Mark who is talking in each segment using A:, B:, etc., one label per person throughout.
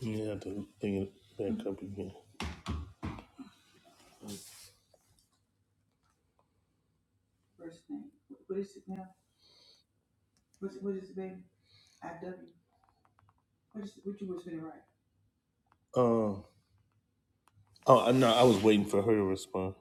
A: You have to bring it back up again. Um. Oh, I know. I was waiting for her to respond.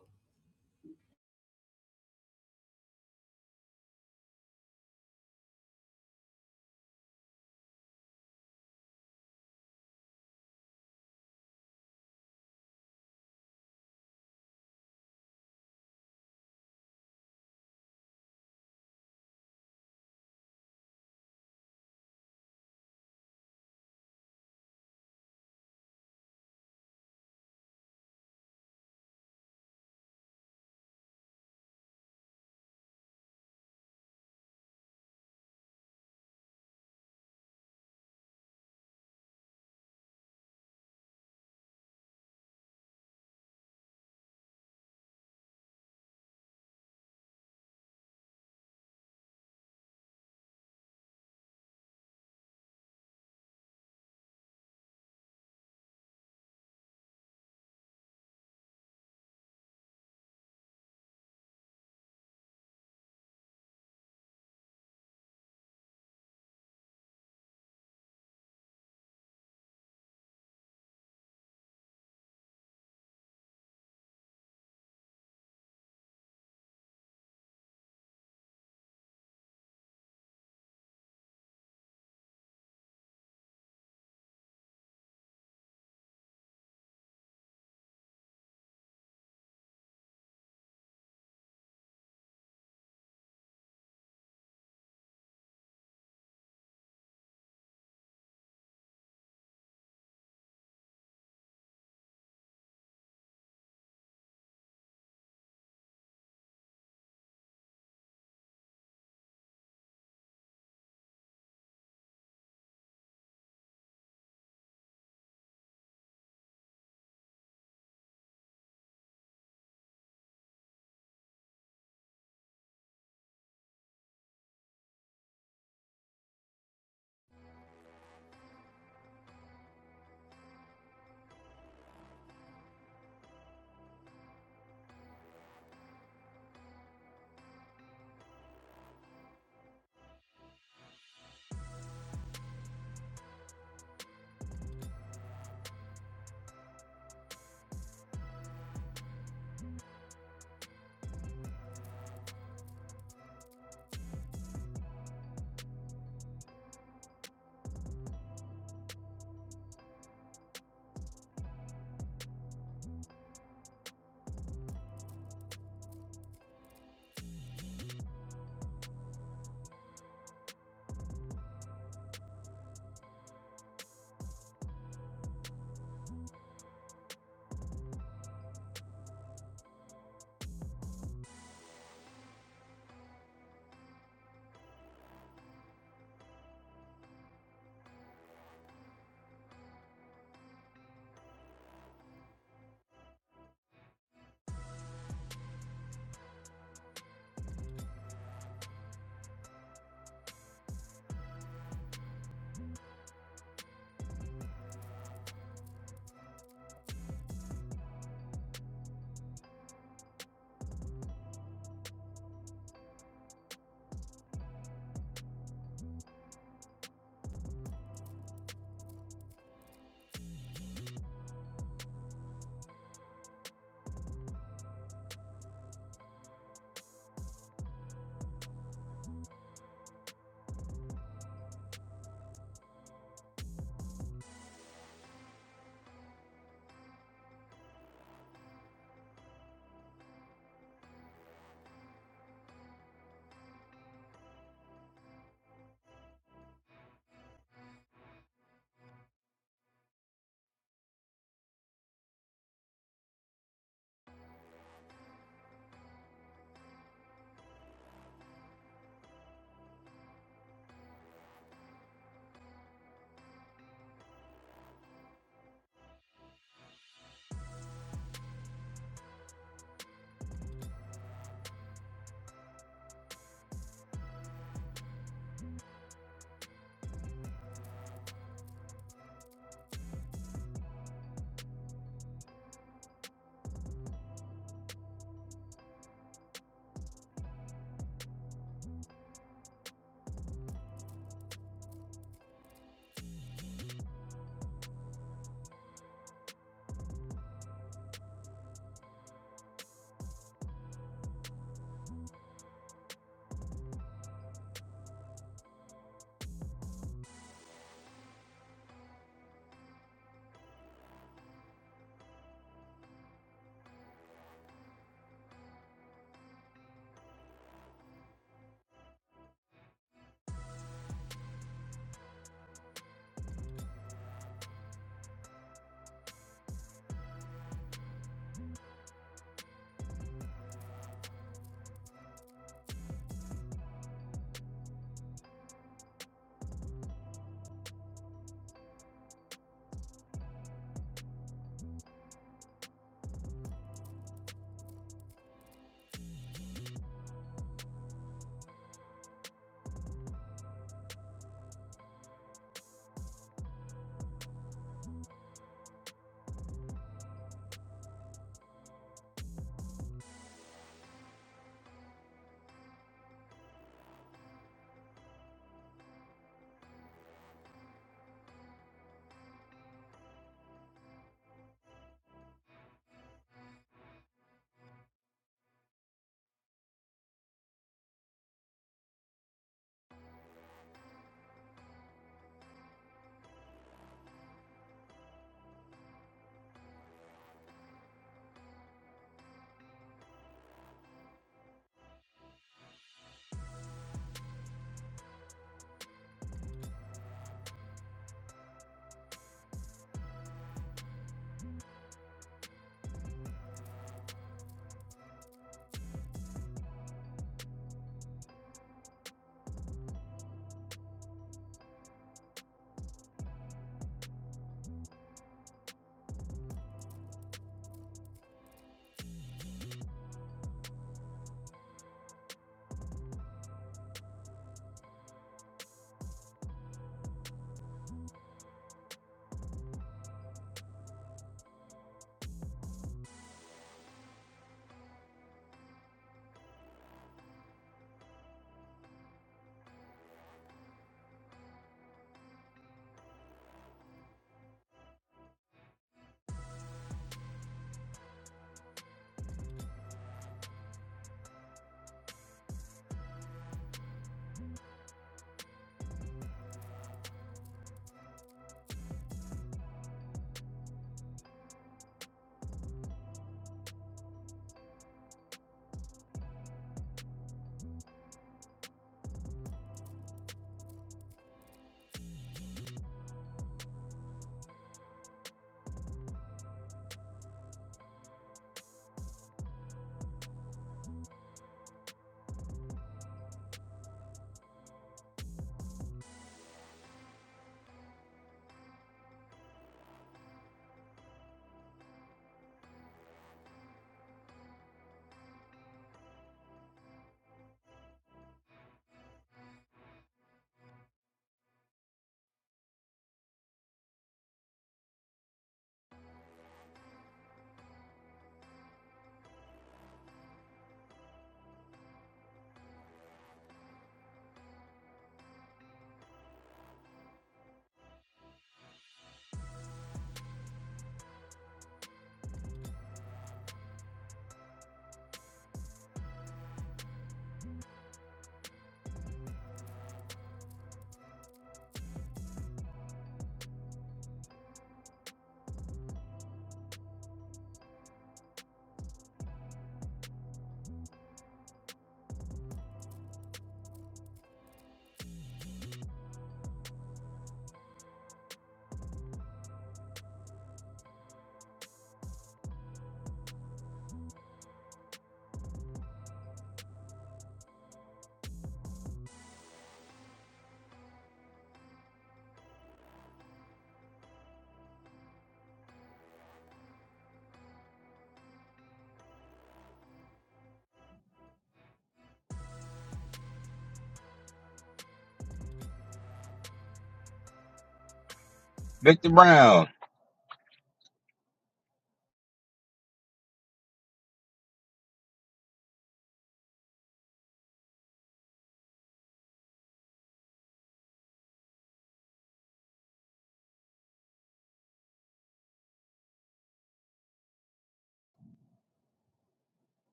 B: Victor Brown,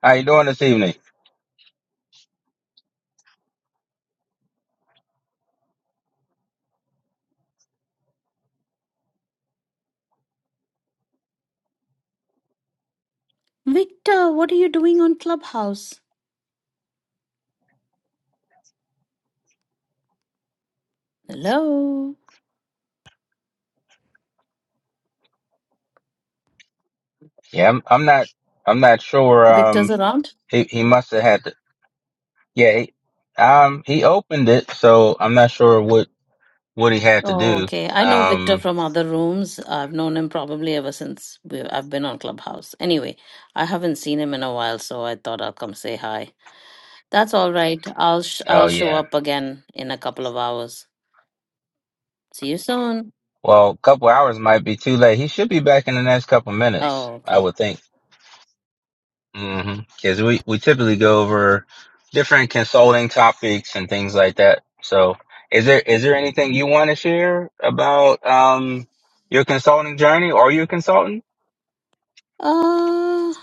B: how you doing this evening?
C: Victor, what are you doing on Clubhouse? Hello.
B: Yeah, I'm, I'm not, I'm not sure.
C: Victor's
B: Um,
C: around?
B: he, he must have had to. Yeah, he, um, he opened it, so I'm not sure what what he had to
C: Oh,
B: do.
C: okay. I know Victor
B: Um,
C: from other rooms. I've known him probably ever since we, I've been on Clubhouse. Anyway, I haven't seen him in a while, so I thought I'll come say hi. That's all right. I'll sh-
B: oh
C: I'll show
B: yeah.
C: up again in a couple of hours. See you soon.
B: Well, a couple hours might be too late. He should be back in the next couple minutes,
C: Oh,
B: I
C: okay.
B: would think. Mm-hmm. Because we we typically go over different consulting topics and things like that. So, is there is there anything you want to share about um your consulting journey? Are you a consultant?
C: Uh,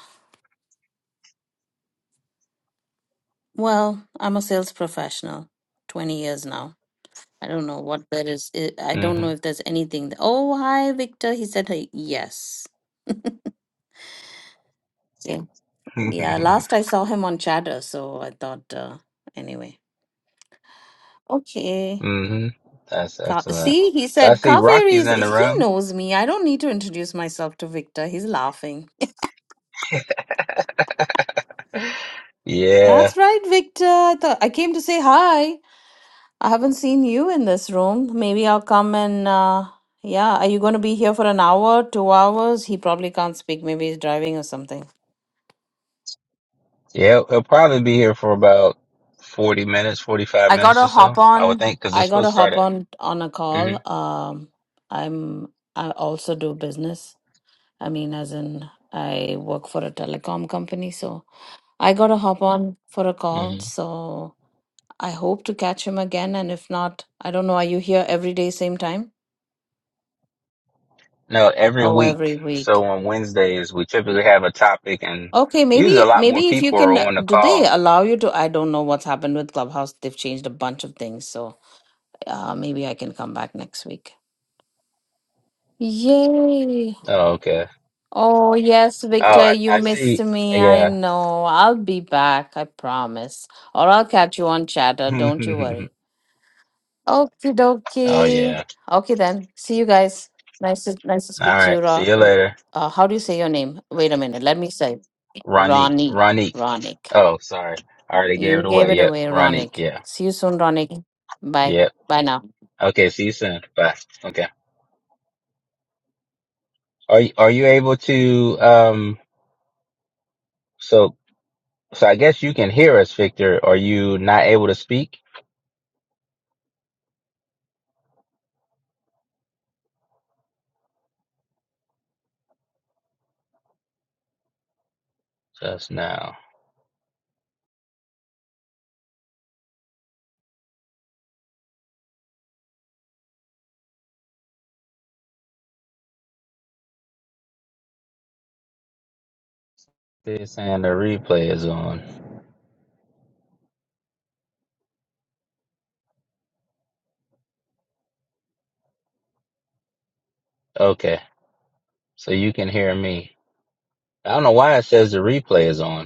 C: well, I'm a sales professional. 20 years now. I don't know what that is. It, I don't know
B: Mm-hmm.
C: if there's anything. th- Oh, hi, Victor. He said, "Hi, yes. Yeah. Yeah. Last I saw him on chatter. So I thought, uh, anyway. Okay.
B: hmm That's
C: Ka-
B: excellent.
C: See, he
B: So I
C: said,
B: see
C: Kaveri
B: Rocky's
C: is,
B: in the
C: he
B: room.
C: knows me. I don't need to introduce myself to Victor. He's laughing.
B: Yeah.
C: That's right, Victor. I thought I came to say hi. I haven't seen you in this room. Maybe I'll come and, uh, yeah. Are you going to be here for an hour, two hours? He probably can't speak. Maybe he's driving or something.
B: Yeah. He'll probably be here for about 40 minutes, 45
C: I
B: minutes
C: gotta
B: or
C: hop
B: so, I would
C: on.
B: think, because it's
C: I gotta
B: supposed to start
C: hop
B: at.
C: on on a call.
B: Mm-hmm.
C: Um, I'm. I also do business. I mean, as in, I work for a telecom company, so I gotta hop on for a call.
B: hmm
C: So I hope to catch him again, and if not, I don't know. Are you here every day, same time?
B: No, every
C: Oh, every
B: week.
C: week.
B: So on Wednesdays, we typically have a topic and
C: Okay,
B: usually a
C: maybe
B: lot more
C: maybe if you
B: people are
C: can,
B: on the
C: do they
B: call.
C: allow you to? I don't know what's happened with Clubhouse. They've changed a bunch of things, so uh, maybe I can come back next week. Yay!
B: Oh, okay.
C: Oh, yes,
B: Oh,
C: Victor,
B: I,
C: you
B: I
C: missed
B: see.
C: me. I
B: Yeah.
C: know. I'll be back, I promise. Or I'll catch you on chatter. Don't you
B: oh,
C: worry. Okie dokie.
B: yeah.
C: Okay, then. See you guys. Nice to, nice to
B: All
C: speak to you.
B: right. See
C: Ro-
B: you
C: Ro-
B: later.
C: Uh, how do you say your name? Wait a minute. Let me say
B: Ronique.
C: Ronnie.
B: Ronique.
C: Ronick.
B: Oh, sorry. I already gave
C: You
B: it
C: gave
B: away.
C: it
B: Yep.
C: away,
B: Ronique.
C: Ronick.
B: Yeah.
C: See you soon, Ronick. Bye.
B: Yep.
C: Bye now.
B: Okay. See you soon. Bye. Okay. Are you, are you able to, um, so, so I guess you can hear us, Victor. Are you not able to speak? Just now. This and the replay is on. Okay. So you can hear me. I don't know why it says the replay is on.